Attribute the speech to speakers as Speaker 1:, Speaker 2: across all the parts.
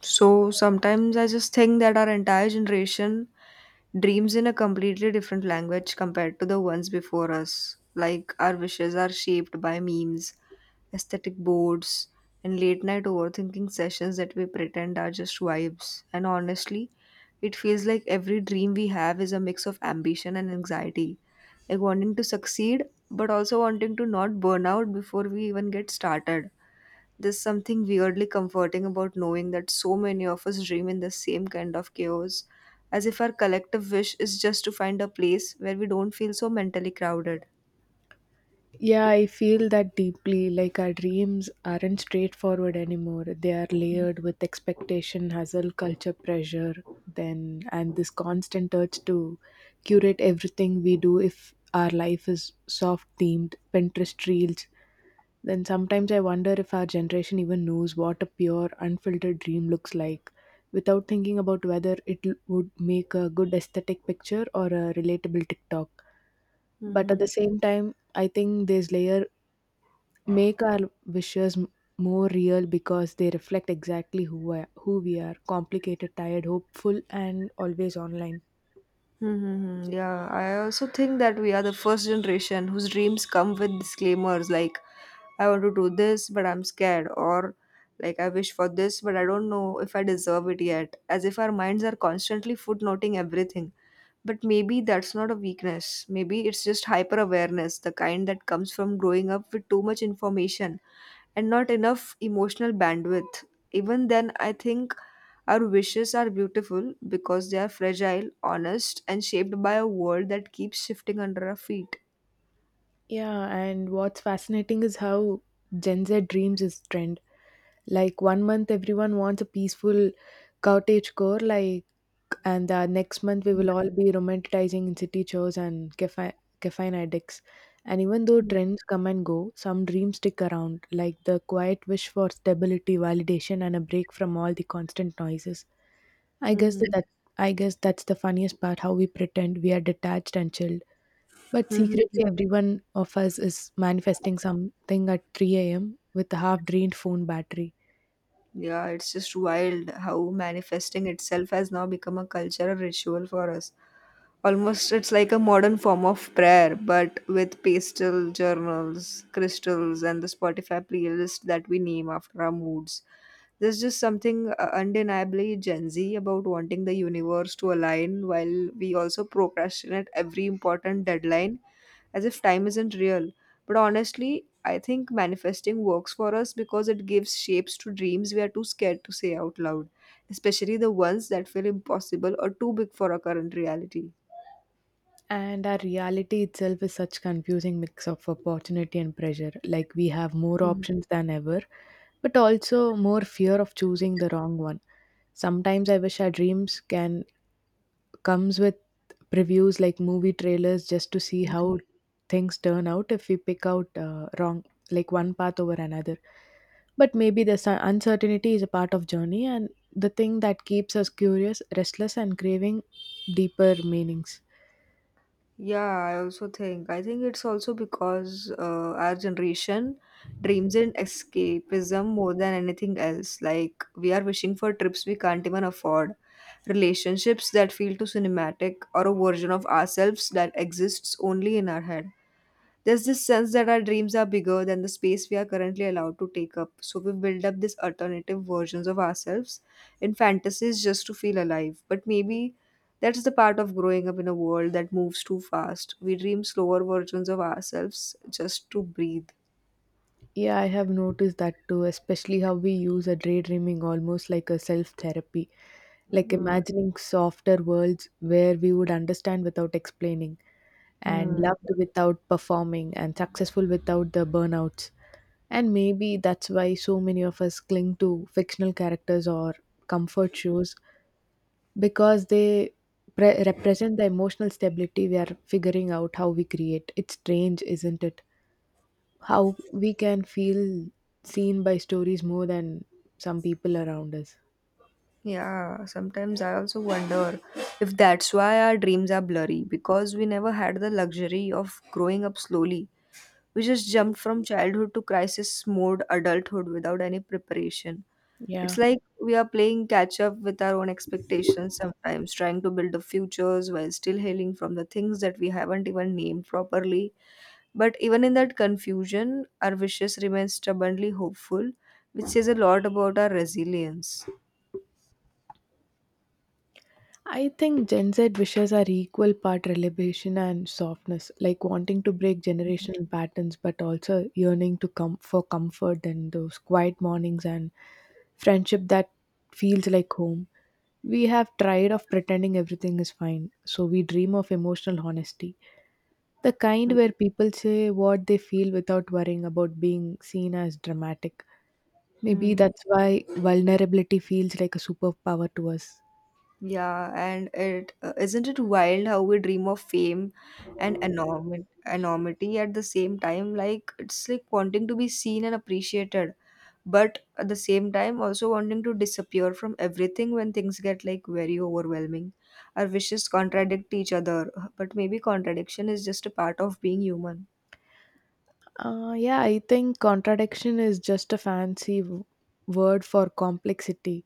Speaker 1: So sometimes I just think that our entire generation dreams in a completely different language compared to the ones before us. Like our wishes are shaped by memes, aesthetic boards, and late night overthinking sessions that we pretend are just vibes. And honestly, it feels like every dream we have is a mix of ambition and anxiety. Like wanting to succeed, but also wanting to not burn out before we even get started. There's something weirdly comforting about knowing that so many of us dream in the same kind of chaos, as if our collective wish is just to find a place where we don't feel so mentally crowded.
Speaker 2: Yeah, I feel that deeply. Like our dreams aren't straightforward anymore. They are layered with expectation, hustle, culture, pressure, then and this constant urge to curate everything we do if our life is soft themed, Pinterest reels. Then sometimes I wonder if our generation even knows what a pure, unfiltered dream looks like without thinking about whether would make a good aesthetic picture or a relatable TikTok. But at the
Speaker 1: Mm-hmm.
Speaker 2: same time I think this layer make our wishes more real because they reflect exactly who we are complicated tired hopeful and always online.
Speaker 1: Mm-hmm. Yeah, I also think that we are the first generation whose dreams come with disclaimers like, I want to do this, but I'm scared, or like, I wish for this, but I don't know if I deserve it yet, as if our minds are constantly footnoting everything. But maybe that's not a weakness. Maybe it's just hyper awareness, the kind that comes from growing up with too much information and not enough emotional bandwidth. Even then, I think our wishes are beautiful because they are fragile, honest, and shaped by a world that keeps shifting under our feet.
Speaker 2: Yeah, and what's fascinating is how gen z dreams is trend, like one month everyone wants a peaceful cottage core like, and next month we will all be romanticizing city chores and caffeine, caffeine addicts. And even though trends come and go, some dreams stick around, like the quiet wish for stability, validation, and a break from all the constant noises. I guess
Speaker 1: hmm
Speaker 2: that, that I guess that's the funniest part: how we pretend we are detached and chilled, but
Speaker 1: hmm
Speaker 2: secretly everyone of us is manifesting something at 3 a.m. with a half-drained phone battery.
Speaker 1: Yeah, it's just wild how manifesting itself has now become a cultural ritual for us. Almost it's like a modern form of prayer, but with pastel journals, crystals, and the Spotify playlist that we name after our moods. There's just something undeniably Gen Z about wanting the universe to align while we also procrastinate every important deadline as if time isn't real. But honestly, I think manifesting works for us because it gives shapes to dreams we are too scared to say out loud, especially the ones that feel impossible or too big for our current reality.
Speaker 2: And our reality itself is such confusing mix of opportunity and pressure. Like we have more
Speaker 1: Mm.
Speaker 2: options than ever, but also more fear of choosing the wrong one. Sometimes I wish our dreams can comes with previews like movie trailers just to see how things turn out if we pick out wrong, like one path over another. But maybe the uncertainty is a part of journey and the thing that keeps us curious, restless and craving deeper meanings.
Speaker 1: Yeah, I also think. I think it's also because our generation dreams in escapism more than anything else. Like, we are wishing for trips we can't even afford, relationships that feel too cinematic, or a version of ourselves that exists only in our head. There's this sense that our dreams are bigger than the space we are currently allowed to take up. So we build up these alternative versions of ourselves in fantasies just to feel alive. But maybe that's the part of growing up in a world that moves too fast. We dream slower versions of ourselves just to breathe.
Speaker 2: Yeah, I have noticed that too, especially how we use a daydreaming almost like a self therapy, like imagining softer worlds where we would understand without explaining, and
Speaker 1: Mm-hmm.
Speaker 2: loved without performing, and successful without the burnouts. And maybe that's why so many of us cling to fictional characters or comfort shows because they represent the emotional stability we are figuring out how we create. It's strange, isn't it? How we can feel seen by stories more than some people around us.
Speaker 1: Yeah, sometimes I also wonder if that's why our dreams are blurry because we never had the luxury of growing up slowly. We just jumped from childhood to crisis mode adulthood without any preparation. It's
Speaker 2: Yeah.
Speaker 1: like we are playing catch up with our own expectations sometimes, trying to build the futures while still hailing from the things that we haven't even named properly. But even in that confusion, our wishes remain stubbornly hopeful, which says a lot about our resilience.
Speaker 2: I think Gen Z wishes are equal part relation and softness, like wanting to break generational patterns, but also yearning to come for comfort and those quiet mornings and friendship that feels like home. We have tried of pretending everything is fine, so we dream of emotional honesty, the kind where people say what they feel without worrying about being seen as dramatic. Maybe
Speaker 1: Hmm.
Speaker 2: that's why vulnerability feels like a superpower to us.
Speaker 1: Yeah, and it isn't it wild how we dream of fame and enormity at the same time. It's like wanting to be seen and appreciated, but at the same time also wanting to disappear from everything when things get like very overwhelming. Our wishes contradict each other, but maybe contradiction is just a part of being human.
Speaker 2: Yeah, I think contradiction is just a fancy word for complexity,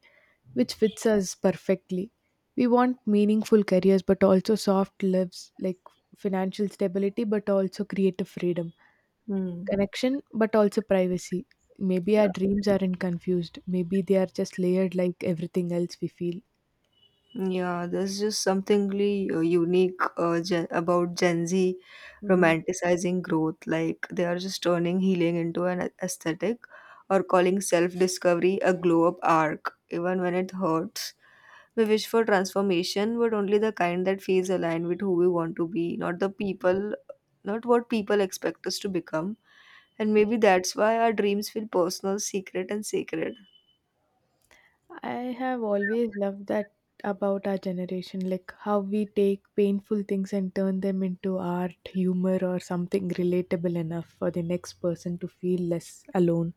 Speaker 2: which fits us perfectly. We want meaningful careers, but also soft lives like financial stability, but also creative freedom,
Speaker 1: Hmm.
Speaker 2: connection, but also privacy. Maybe our dreams aren't confused. Maybe they are just layered like everything else we feel.
Speaker 1: Yeah, there's just something really unique gen about Gen Z
Speaker 2: Mhm.
Speaker 1: romanticizing growth. Like they are just turning healing into an aesthetic or calling self-discovery a glow-up arc, even when it hurts. We wish for transformation, but only the kind that feels aligned with who we want to be, not what people expect us to become. And maybe that's why our dreams feel personal, secret, and sacred.
Speaker 2: I have always loved that about our generation, like how we take painful things and turn them into art, humor, or something relatable enough for the next person to feel less alone.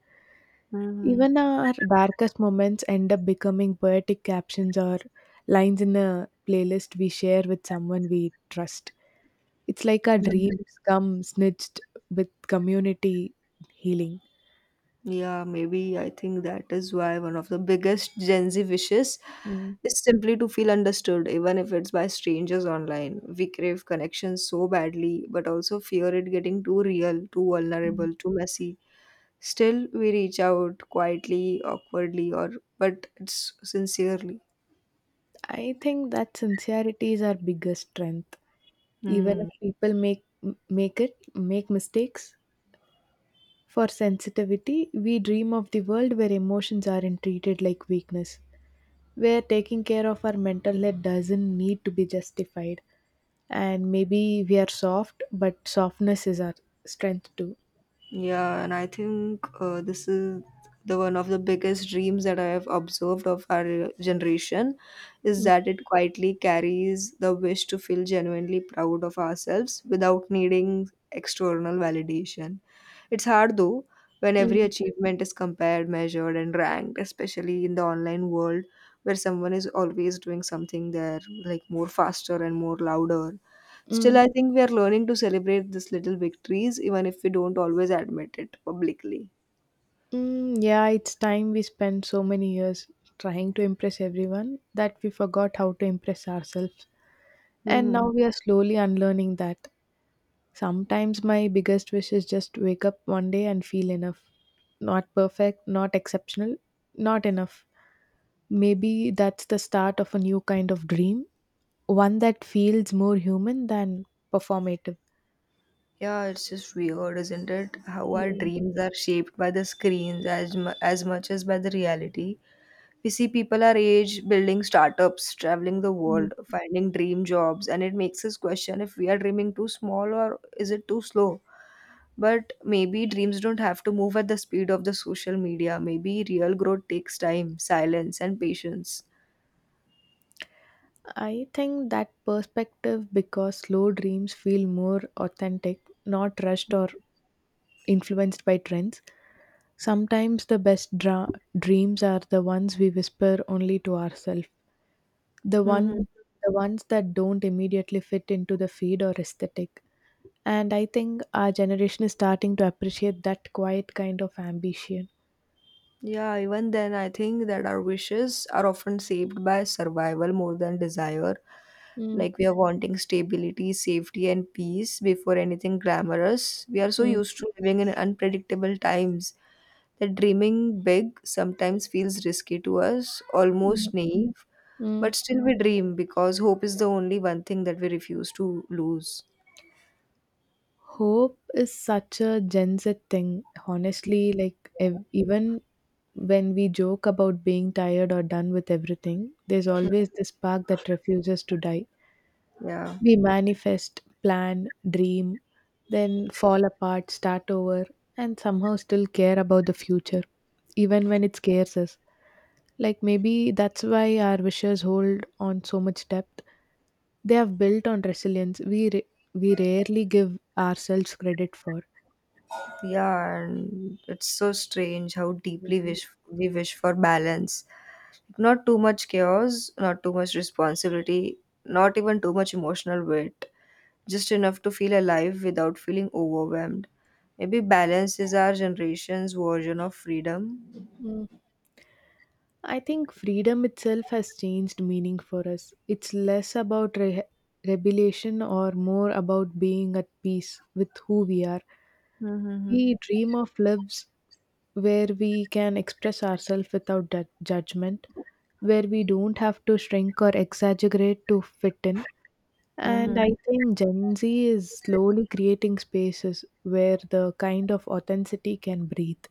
Speaker 1: hmm
Speaker 2: Even our darkest moments end up becoming poetic captions or lines in a playlist we share with someone we trust. It's like our dreams come snitched with community healing.
Speaker 1: Yeah, maybe I think that is why one of the biggest Gen Z wishes
Speaker 2: Mm.
Speaker 1: is simply to feel understood, even if it's by strangers online. We crave connection so badly, but also fear it getting too real, too vulnerable, too messy. Still, we reach out quietly, awkwardly, or but it's sincerely.
Speaker 2: I think that sincerity is our biggest strength. Even
Speaker 1: Hmm.
Speaker 2: if people make m- make it make mistakes for sensitivity, we dream of the world where emotions aren't treated like weakness, where taking care of our mental health doesn't need to be justified. And maybe we are soft, but softness is our strength too.
Speaker 1: Yeah, and I think this is the one of the biggest dreams that I have observed of our generation is
Speaker 2: Mm,
Speaker 1: that it quietly carries the wish to feel genuinely proud of ourselves without needing external validation. It's hard though, when every
Speaker 2: mm,
Speaker 1: achievement is compared, measured, and ranked, especially in the online world where someone is always doing something there, like more faster and more louder. Still,
Speaker 2: mm,
Speaker 1: I think we are learning to celebrate these little victories, even if we don't always admit it publicly.
Speaker 2: mm. Yeah, it's time we spent so many years trying to impress everyone that we forgot how to impress ourselves. And
Speaker 1: hmm
Speaker 2: now we are slowly unlearning that. Sometimes my biggest wish is just wake up one day and feel enough. Not perfect, not exceptional, not enough. Maybe that's the start of a new kind of dream, one that feels more human than performative.
Speaker 1: Yeah, it's just weird, isn't it? How our
Speaker 2: Mm,
Speaker 1: dreams are shaped by the screens as as much as by the reality. We see people our age building startups, traveling the
Speaker 2: mm.
Speaker 1: world, finding dream jobs, and it makes us question if we are dreaming too small or is it too slow. But maybe dreams don't have to move at the speed of the social media. Maybe real growth takes time, silence, and patience.
Speaker 2: I think that perspective because slow dreams feel more authentic, not rushed or influenced by trends. Sometimes the best dreams are the ones we whisper only to ourselves. The
Speaker 1: hmm
Speaker 2: one the ones that don't immediately fit into the feed or aesthetic, and I think our generation is starting to appreciate that quiet kind of ambition.
Speaker 1: Yeah, even then, I think that our wishes are often saved by survival more than desire.
Speaker 2: Mm,
Speaker 1: Like we are wanting stability, safety, and peace before anything glamorous. We are so
Speaker 2: mm,
Speaker 1: used to living in unpredictable times that dreaming big sometimes feels risky to us,
Speaker 2: mm,
Speaker 1: almost naive,
Speaker 2: mm.
Speaker 1: but still we dream because hope is the only one thing that we refuse to lose.
Speaker 2: Hope is such a gen z thing honestly, like even when we joke about being tired or done with everything, there's always this spark that refuses to die.
Speaker 1: Yeah.
Speaker 2: We manifest, plan, dream, then fall apart, start over, and somehow still care about the future, even when it scares us. Like maybe that's why our wishes hold on so much depth. They have built on resilience we rarely give ourselves credit for.
Speaker 1: Yeah, and it's so strange how deeply
Speaker 2: Mhm.
Speaker 1: wish we wish for balance. Not too much chaos, not too much responsibility, not even too much emotional weight. Just enough to feel alive without feeling overwhelmed. Maybe balance is our generation's version of freedom.
Speaker 2: Mm. I think freedom itself has changed meaning for us. It's less about rebellion or more about being at peace with who we are.
Speaker 1: Mm-hmm.
Speaker 2: We dream of lives where we can express ourselves without judgment, where we don't have to shrink or exaggerate to fit in. And
Speaker 1: Mm-hmm.
Speaker 2: I think Gen Z is slowly creating spaces where the kind of authenticity can breathe.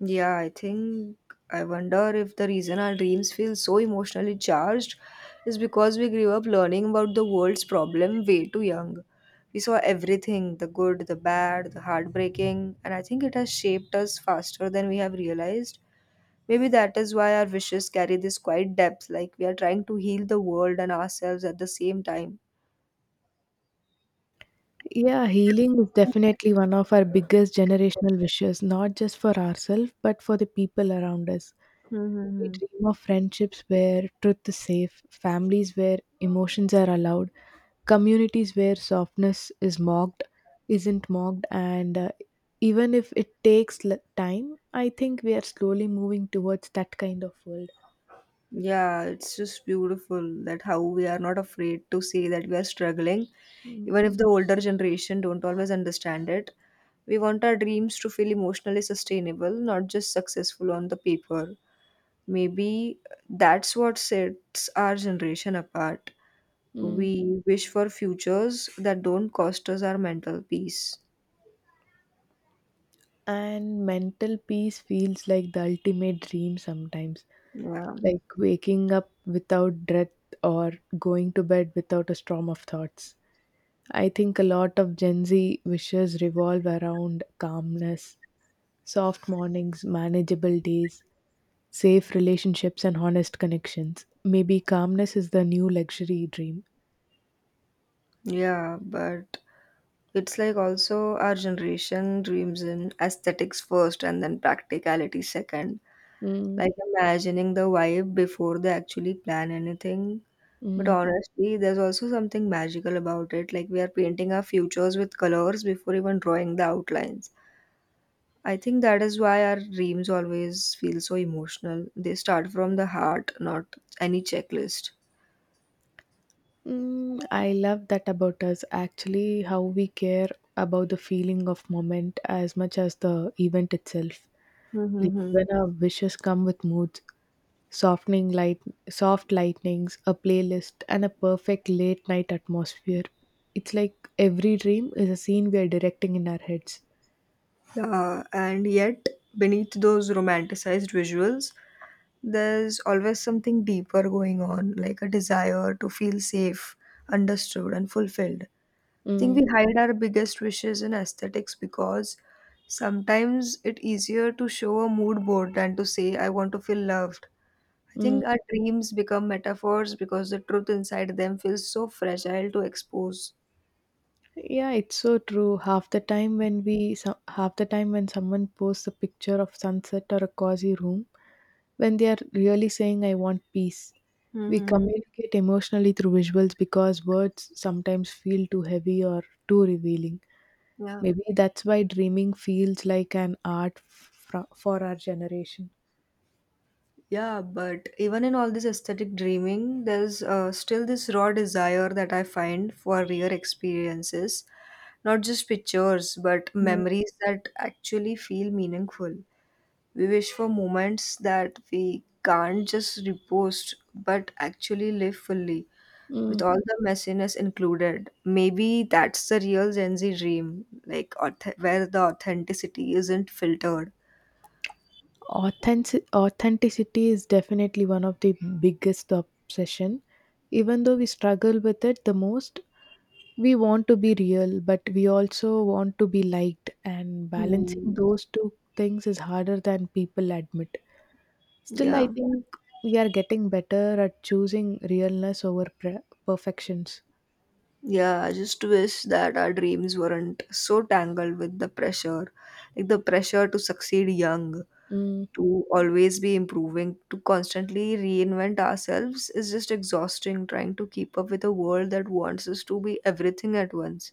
Speaker 1: Yeah, I wonder if the reason our dreams feel so emotionally charged is because we grew up learning about the world's problem way too young. We saw everything the good, the bad, the heartbreaking, and I think it has shaped us faster than we have realized. Maybe that is why our wishes carry this quiet depth, like we are trying to heal the world and ourselves at the same time.
Speaker 2: Yeah, healing is definitely one of our biggest generational wishes, not just for ourselves, but for the people around us. We
Speaker 1: Mm-hmm.
Speaker 2: dream of friendships where truth is safe, families where emotions are allowed, communities where softness is mocked isn't mocked, and even if it takes time, I think we are slowly moving towards that kind of world.
Speaker 1: Yeah, it's just beautiful that how we are not afraid to say that we are struggling,
Speaker 2: Mm.
Speaker 1: even if the older generation don't always understand it. We want our dreams to feel emotionally sustainable, not just successful on the paper. Maybe that's what sets our generation apart.
Speaker 2: Mm.
Speaker 1: We wish for futures that don't cost us our mental peace.
Speaker 2: And mental peace feels like the ultimate dream sometimes,
Speaker 1: Yeah.
Speaker 2: like waking up without dread or going to bed without a storm of thoughts. I think a lot of gen z wishes revolve around calmness, soft mornings, manageable days, safe relationships and honest connections. Maybe calmness is the new luxury dream.
Speaker 1: Yeah, but it's like also our generation dreams in aesthetics first and then practicality second
Speaker 2: Mm,
Speaker 1: like imagining the vibe before they actually plan anything. But
Speaker 2: mm,
Speaker 1: honestly, there's also something magical about it. Like we are painting our futures with colors before even drawing the outlines. I think that is why our dreams always feel so emotional. They start from the heart, not any checklist.
Speaker 2: mm, I love that about us. Actually, how we care about the feeling of moment as much as the event itself. Like
Speaker 1: Mm-hmm.
Speaker 2: even our wishes come with moods, softening light, soft lightnings, a playlist, and a perfect late night atmosphere. It's like every dream is a scene we are directing in our heads.
Speaker 1: And yet, beneath those romanticized visuals, there's always something deeper going on, like a desire to feel safe, understood, and fulfilled. I think
Speaker 2: Mm,
Speaker 1: we hide our biggest wishes in aesthetics because sometimes it's easier to show a mood board than to say, I want to feel loved. I
Speaker 2: mm.
Speaker 1: think our dreams become metaphors because the truth inside them feels so fragile to expose.
Speaker 2: Yeah, it's so true. Half the time when someone posts a picture of sunset or a cozy room, when they are really saying I want peace. We
Speaker 1: Mm-hmm.
Speaker 2: communicate emotionally through visuals because words sometimes feel too heavy or too revealing.
Speaker 1: Yeah.
Speaker 2: Maybe that's why dreaming feels like an art for our generation.
Speaker 1: Yeah, but even in all this aesthetic dreaming, there's still this raw desire that I find for real experiences, not just pictures, but
Speaker 2: Mm.
Speaker 1: memories that actually feel meaningful. We wish for moments that we can't just repost, but actually live fully, with
Speaker 2: Mm.
Speaker 1: all the messiness included. Maybe that's the real Gen Z dream, like where the authenticity isn't filtered.
Speaker 2: Authenticity is definitely one of the biggest obsession. Even though we struggle with it the most, we want to be real, but we also want to be liked, and balancing
Speaker 1: Hmm.
Speaker 2: those two things is harder than people admit. Still,
Speaker 1: Yeah,
Speaker 2: I think we are getting better at choosing realness over perfections.
Speaker 1: yeah. I just wish that our dreams weren't so tangled with the pressure, like the pressure to succeed young,
Speaker 2: Mm,
Speaker 1: to always be improving, to constantly reinvent ourselves is just exhausting trying to keep up with a world that wants us to be everything at once.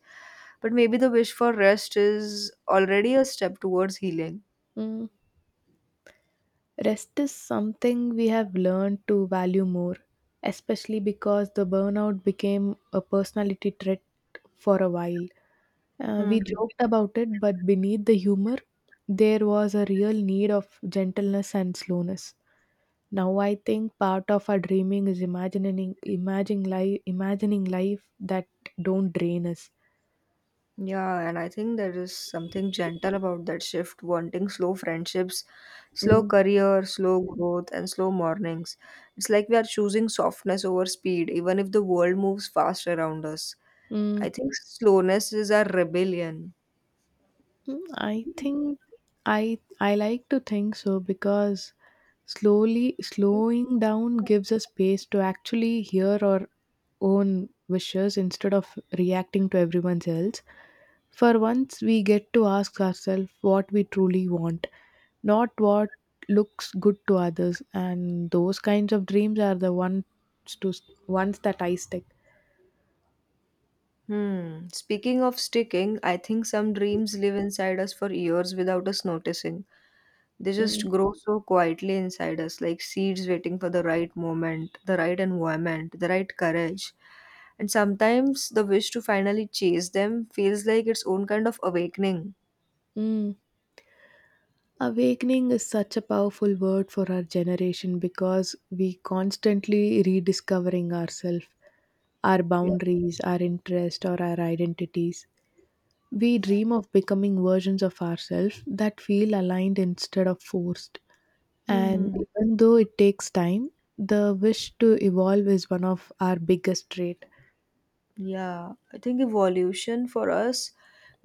Speaker 1: But maybe the wish for rest is already a step towards healing.
Speaker 2: mm. Rest is something we have learned to value more, especially because the burnout became a personality trait for a while. We
Speaker 1: Mhm.
Speaker 2: joked about it, but beneath the humor, there was a real need of gentleness and slowness. Now I think part of our dreaming is imagining life that don't drain us.
Speaker 1: Yeah, and I think there is something gentle about that shift, wanting slow friendships, slow
Speaker 2: Mm.
Speaker 1: career, slow growth, and slow mornings. It's like we are choosing softness over speed, even if the world moves fast around us.
Speaker 2: Mm.
Speaker 1: I think slowness is our rebellion.
Speaker 2: Mm, I think I like to think so because slowly slowing down gives us space to actually hear our own wishes instead of reacting to everyone else. For once we get to ask ourselves what we truly want, not what looks good to others, and those kinds of dreams are the to ones that I stick.
Speaker 1: Hmm. Speaking of sticking, I think some dreams live inside us for years without us noticing. They just
Speaker 2: Mm.
Speaker 1: grow so quietly inside us, like seeds waiting for the right moment, the right environment, the right courage. And sometimes the wish to finally chase them feels like its own kind of awakening.
Speaker 2: Mm. Awakening is such a powerful word for our generation because we constantly rediscovering ourselves, our
Speaker 1: Yeah.
Speaker 2: boundaries, our interests, or our identities. We dream of becoming versions of ourselves that feel aligned instead of forced. And
Speaker 1: Hmm.
Speaker 2: even though it takes time, the wish to evolve is one of our biggest traits.
Speaker 1: Yeah, I think evolution for us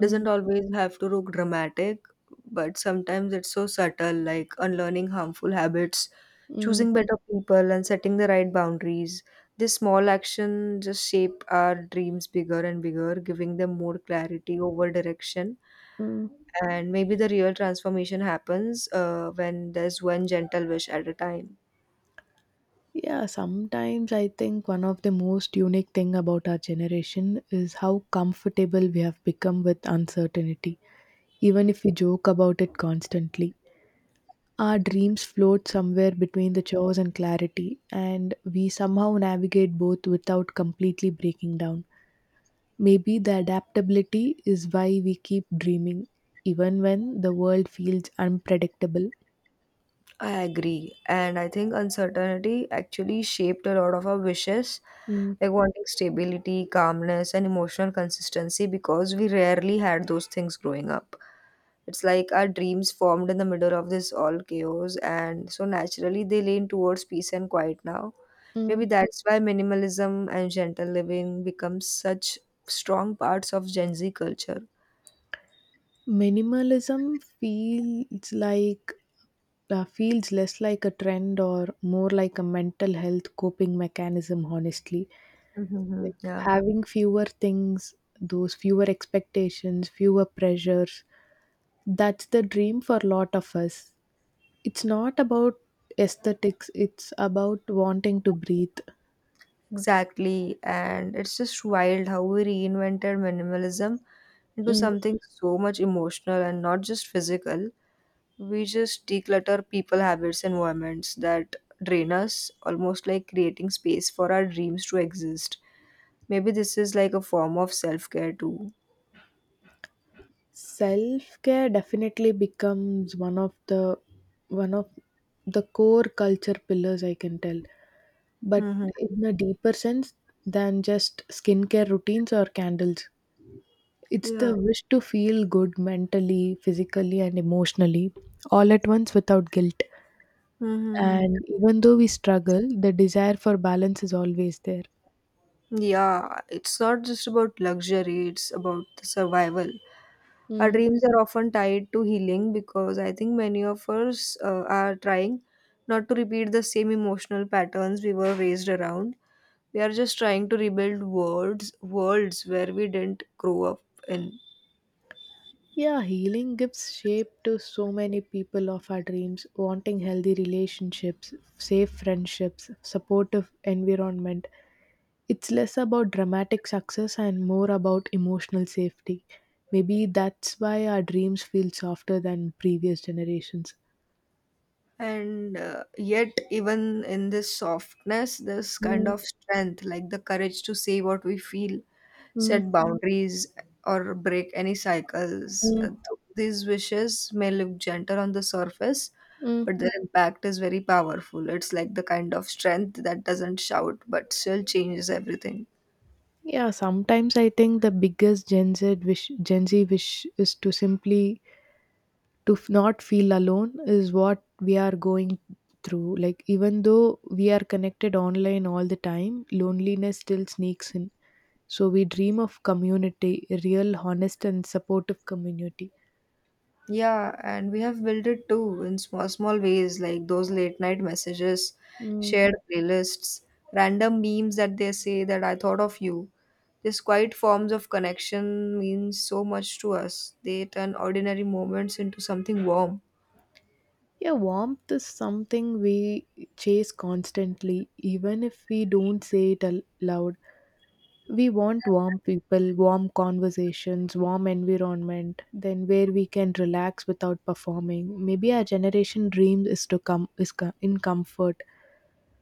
Speaker 1: doesn't
Speaker 2: Mm,
Speaker 1: always have to look dramatic, but sometimes it's so subtle, like unlearning harmful habits,
Speaker 2: mm,
Speaker 1: choosing better people, and setting the right boundaries. This small action just shape our dreams bigger and bigger, giving them more clarity over direction.
Speaker 2: mm.
Speaker 1: And maybe the real transformation happens when there's one gentle wish at a time.
Speaker 2: Yeah, sometimes I think one of the most unique thing about our generation is how comfortable we have become with uncertainty, even if we joke about it constantly. Our dreams float somewhere between the chores and clarity, and we somehow navigate both without completely breaking down. Maybe the adaptability is why we keep dreaming, even when the world feels unpredictable.
Speaker 1: I agree. And I think uncertainty actually shaped a lot of our wishes,
Speaker 2: Mm.
Speaker 1: like wanting stability, calmness, and emotional consistency because we rarely had those things growing up. It's like our dreams formed in the middle of this all chaos, and so naturally they lean towards peace and quiet now.
Speaker 2: Mm.
Speaker 1: Maybe that's why minimalism and gentle living become such strong parts of Gen Z culture.
Speaker 2: Minimalism feels like feels less like a trend or more like a mental health coping mechanism honestly,
Speaker 1: Mhm.
Speaker 2: like
Speaker 1: Yeah.
Speaker 2: having fewer things, those fewer expectations, fewer pressures, that's the dream for a lot of us. It's not about aesthetics, it's about wanting to breathe.
Speaker 1: Exactly, and it's just wild how we reinvented minimalism into something so much emotional and not just physical. We just declutter people, habits, environments that drain us, almost like creating space for our dreams to exist. Maybe this is like a form of self care too.
Speaker 2: Self-care definitely becomes one of the core culture pillars, I can tell. But
Speaker 1: Hmm.
Speaker 2: in a deeper sense than just skincare routines or candles, it's
Speaker 1: Yeah.
Speaker 2: the wish to feel good mentally, physically, and emotionally all at once without guilt.
Speaker 1: Hmm.
Speaker 2: And even though we struggle, the desire for balance is always there.
Speaker 1: Yeah, it's not just about luxury, it's about the survival. Our dreams are often tied to healing because I think many of us are trying not to repeat the same emotional patterns we were raised around. We are just trying to rebuild worlds, worlds where we didn't grow up in.
Speaker 2: Yeah, healing gives shape to so many people of our dreams, wanting healthy relationships, safe friendships, supportive environment. It's less about dramatic success and more about emotional safety. Maybe that's why our dreams feel softer than previous generations.
Speaker 1: And yet, even in this softness, this kind
Speaker 2: Mm,
Speaker 1: of strength, like the courage to say what we feel,
Speaker 2: mm,
Speaker 1: set boundaries or break any cycles.
Speaker 2: mm,
Speaker 1: These wishes may look gentle on the surface,
Speaker 2: mm.
Speaker 1: but their impact is very powerful. It's like the kind of strength that doesn't shout but still changes everything.
Speaker 2: Yeah, sometimes I think the biggest Gen Z wish, is to simply not feel alone is what we are going through, like even though we are connected online all the time, loneliness still sneaks in, so we dream of community, a real, honest and supportive community.
Speaker 1: Yeah, and we have built it too in small, small ways like those late night messages,
Speaker 2: Mm.
Speaker 1: shared playlists, random memes that they say that I thought of you. These quiet forms of connection mean so much to us. They turn ordinary moments into something warm.
Speaker 2: Yeah, warmth is something we chase constantly, even if we don't say it loud. We want warm people, warm conversations, warm environment, then where we can relax without performing. Maybe our generation dreams is to come in comfort.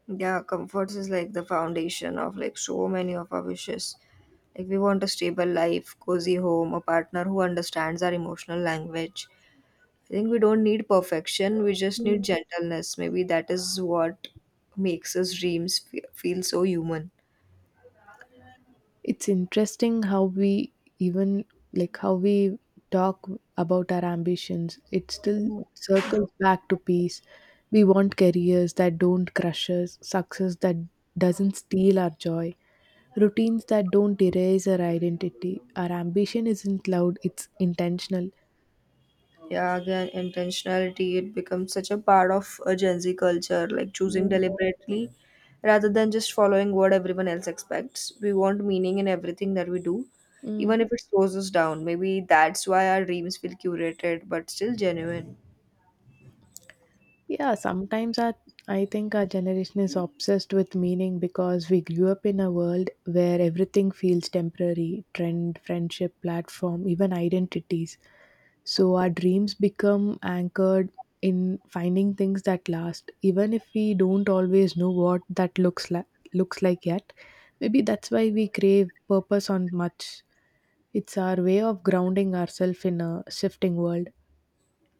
Speaker 1: Yeah, comforts is like the foundation of like so many of our wishes. Like we want a stable life, cozy home, a partner who understands our emotional language. I think we don't need perfection, we just need gentleness. Maybe that is what makes us dreams feel so human.
Speaker 2: It's interesting how we even, like, how we talk about our ambitions. It still circles back to peace. We want careers that don't crush us, success that doesn't steal our joy, routines that don't erase our identity. Our ambition isn't loud, it's intentional.
Speaker 1: Yeah, again, intentionality it becomes such a part of a Gen Z culture like choosing
Speaker 2: Mm,
Speaker 1: deliberately rather than just following what everyone else expects. We want meaning in everything that we do,
Speaker 2: mm.
Speaker 1: even if it slows us down. Maybe that's why our dreams feel curated but still genuine.
Speaker 2: Yeah, sometimes our, I think our generation is obsessed with meaning because we grew up in a world where everything feels temporary: trend, friendship, platform, even identities. So our dreams become anchored in finding things that last, even if we don't always know what that looks like yet. Maybe that's why we crave purpose on much. It's our way of grounding ourselves in a shifting world.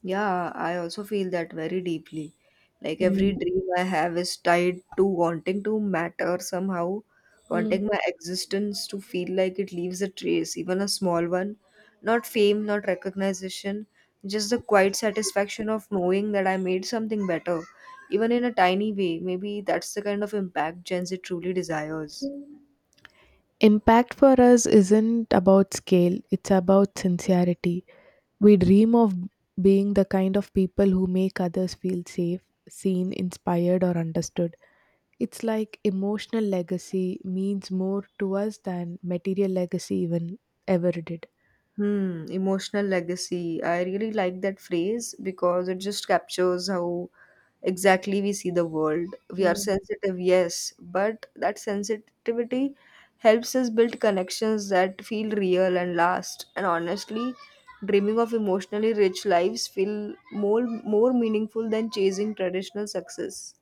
Speaker 1: Yeah, I also feel that very deeply. Like every dream I have is tied to wanting to matter somehow,
Speaker 2: Mm.
Speaker 1: wanting my existence to feel like it leaves a trace, even a small one. Not fame, not recognition, just the quiet satisfaction of knowing that I made something better, even in a tiny way. Maybe that's the kind of impact Gen Z truly desires.
Speaker 2: Impact for us isn't about scale, it's about sincerity. We dream of being the kind of people who make others feel safe, seen, inspired, or understood. It's like emotional legacy means more to us than material legacy even ever did.
Speaker 1: Hmm, emotional legacy. I really like that phrase because it just captures how exactly we see the world. We are
Speaker 2: Mm.
Speaker 1: sensitive, yes, but that sensitivity helps us build connections that feel real and last. And honestly, dreaming of emotionally rich lives feel more more meaningful than chasing traditional success.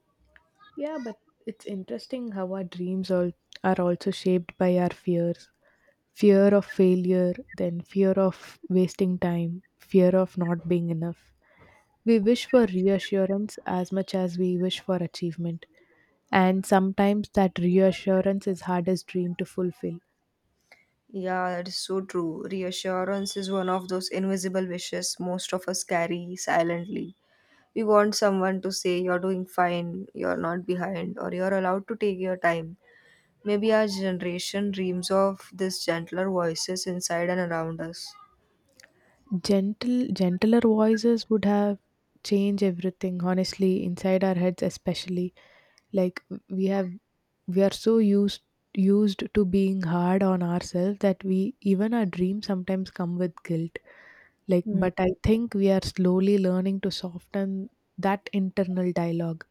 Speaker 2: Yeah, but it's interesting how our dreams all, are also shaped by our fears: fear of failure, then fear of wasting time, fear of not being enough. We wish for reassurance as much as we wish for achievement, and sometimes that reassurance is hardest dream to fulfill.
Speaker 1: Yeah, that is so true. Reassurance is one of those invisible wishes most of us carry silently. We want someone to say, "You're doing fine, you're not behind, or you're allowed to take your time." Maybe our generation dreams of these gentler voices inside and around us.
Speaker 2: Gentle, gentler voices would have changed everything. Honestly, inside our heads, especially, like, we have, we are so used to being hard on ourselves that we, even our dreams sometimes come with guilt. Like,
Speaker 1: Mm.
Speaker 2: but I think we are slowly learning to soften that internal dialogue.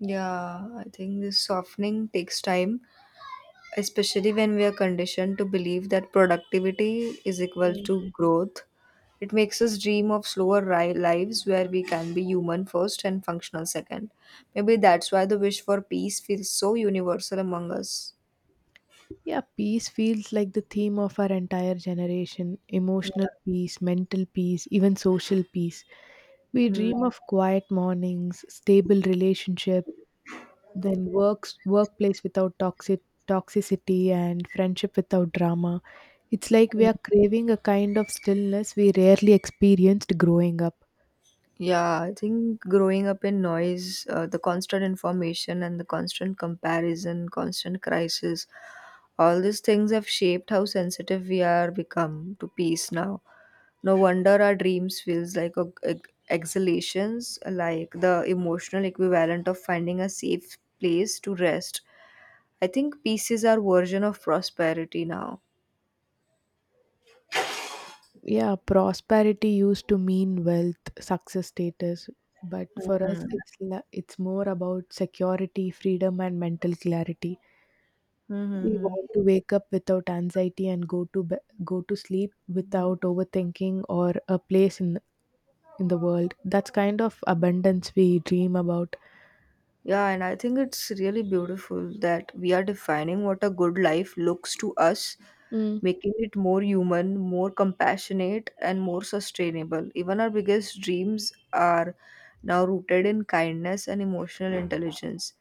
Speaker 1: Yeah, I think this softening takes time, especially when we are conditioned to believe that productivity is equal to growth. It makes us dream of slower lives where we can be human first and functional second. Maybe that's why the wish for peace feels so universal among us.
Speaker 2: Yeah, peace feels like the theme of our entire generation: emotional peace, mental peace, even social peace. We
Speaker 1: Mm.
Speaker 2: dream of quiet mornings, stable relationship, then works workplace without toxicity and friendship without drama. It's like we are craving a kind of stillness we rarely experienced growing up.
Speaker 1: Yeah, I think growing up in noise, the constant information and the constant comparison, constant crisis, all these things have shaped how sensitive we are become to peace now. No wonder our dreams feels like exhalations, like the emotional equivalent of finding a safe place to rest. I think peace is our version of prosperity now.
Speaker 2: Yeah, prosperity used to mean wealth, success, status, but for us it's it's more about security, freedom and mental clarity. We
Speaker 1: Mm-hmm.
Speaker 2: want to wake up without anxiety and go to sleep without overthinking, or a place in the world. That's kind of abundance we dream about.
Speaker 1: Yeah, and I think it's really beautiful that we are defining what a good life looks to us,
Speaker 2: Mm.
Speaker 1: making it more human, more compassionate, and more sustainable. Even our biggest dreams are now rooted in kindness and emotional intelligence.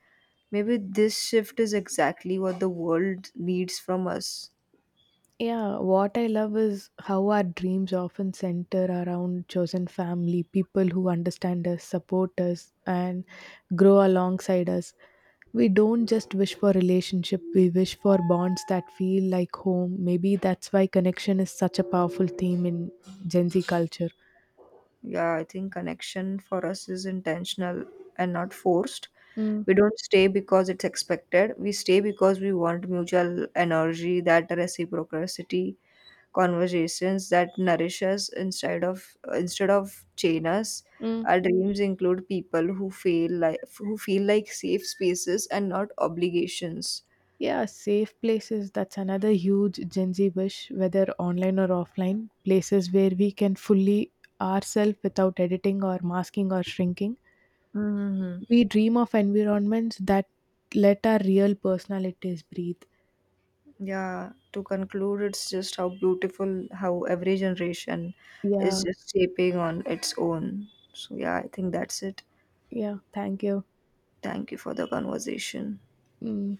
Speaker 1: Maybe this shift is exactly what the world needs from us.
Speaker 2: Yeah, what I love is how our dreams often center around chosen family, people who understand us, support us, and grow alongside us. We don't just wish for relationship, we wish for bonds that feel like home. Maybe that's why connection is such a powerful theme in Gen Z culture.
Speaker 1: Yeah, I think connection for us is intentional and not forced.
Speaker 2: Mm,
Speaker 1: We don't stay because it's expected. We stay because we want mutual energy, that reciprocity, conversations that nourish us instead of chain us.
Speaker 2: mm.
Speaker 1: Our dreams include people who feel like safe spaces and not obligations.
Speaker 2: Yeah, safe places. That's another huge Gen Z wish, whether online or offline. Places where we can fully ourselves without editing or masking or shrinking.
Speaker 1: Mhm.
Speaker 2: We dream of environments that let our real personalities breathe.
Speaker 1: Yeah, to conclude, it's just how beautiful how every generation is
Speaker 2: Yeah,
Speaker 1: just shaping on its own. So, yeah, I think that's it.
Speaker 2: yeah. Thank you.
Speaker 1: Thank you for the conversation.
Speaker 2: Mm.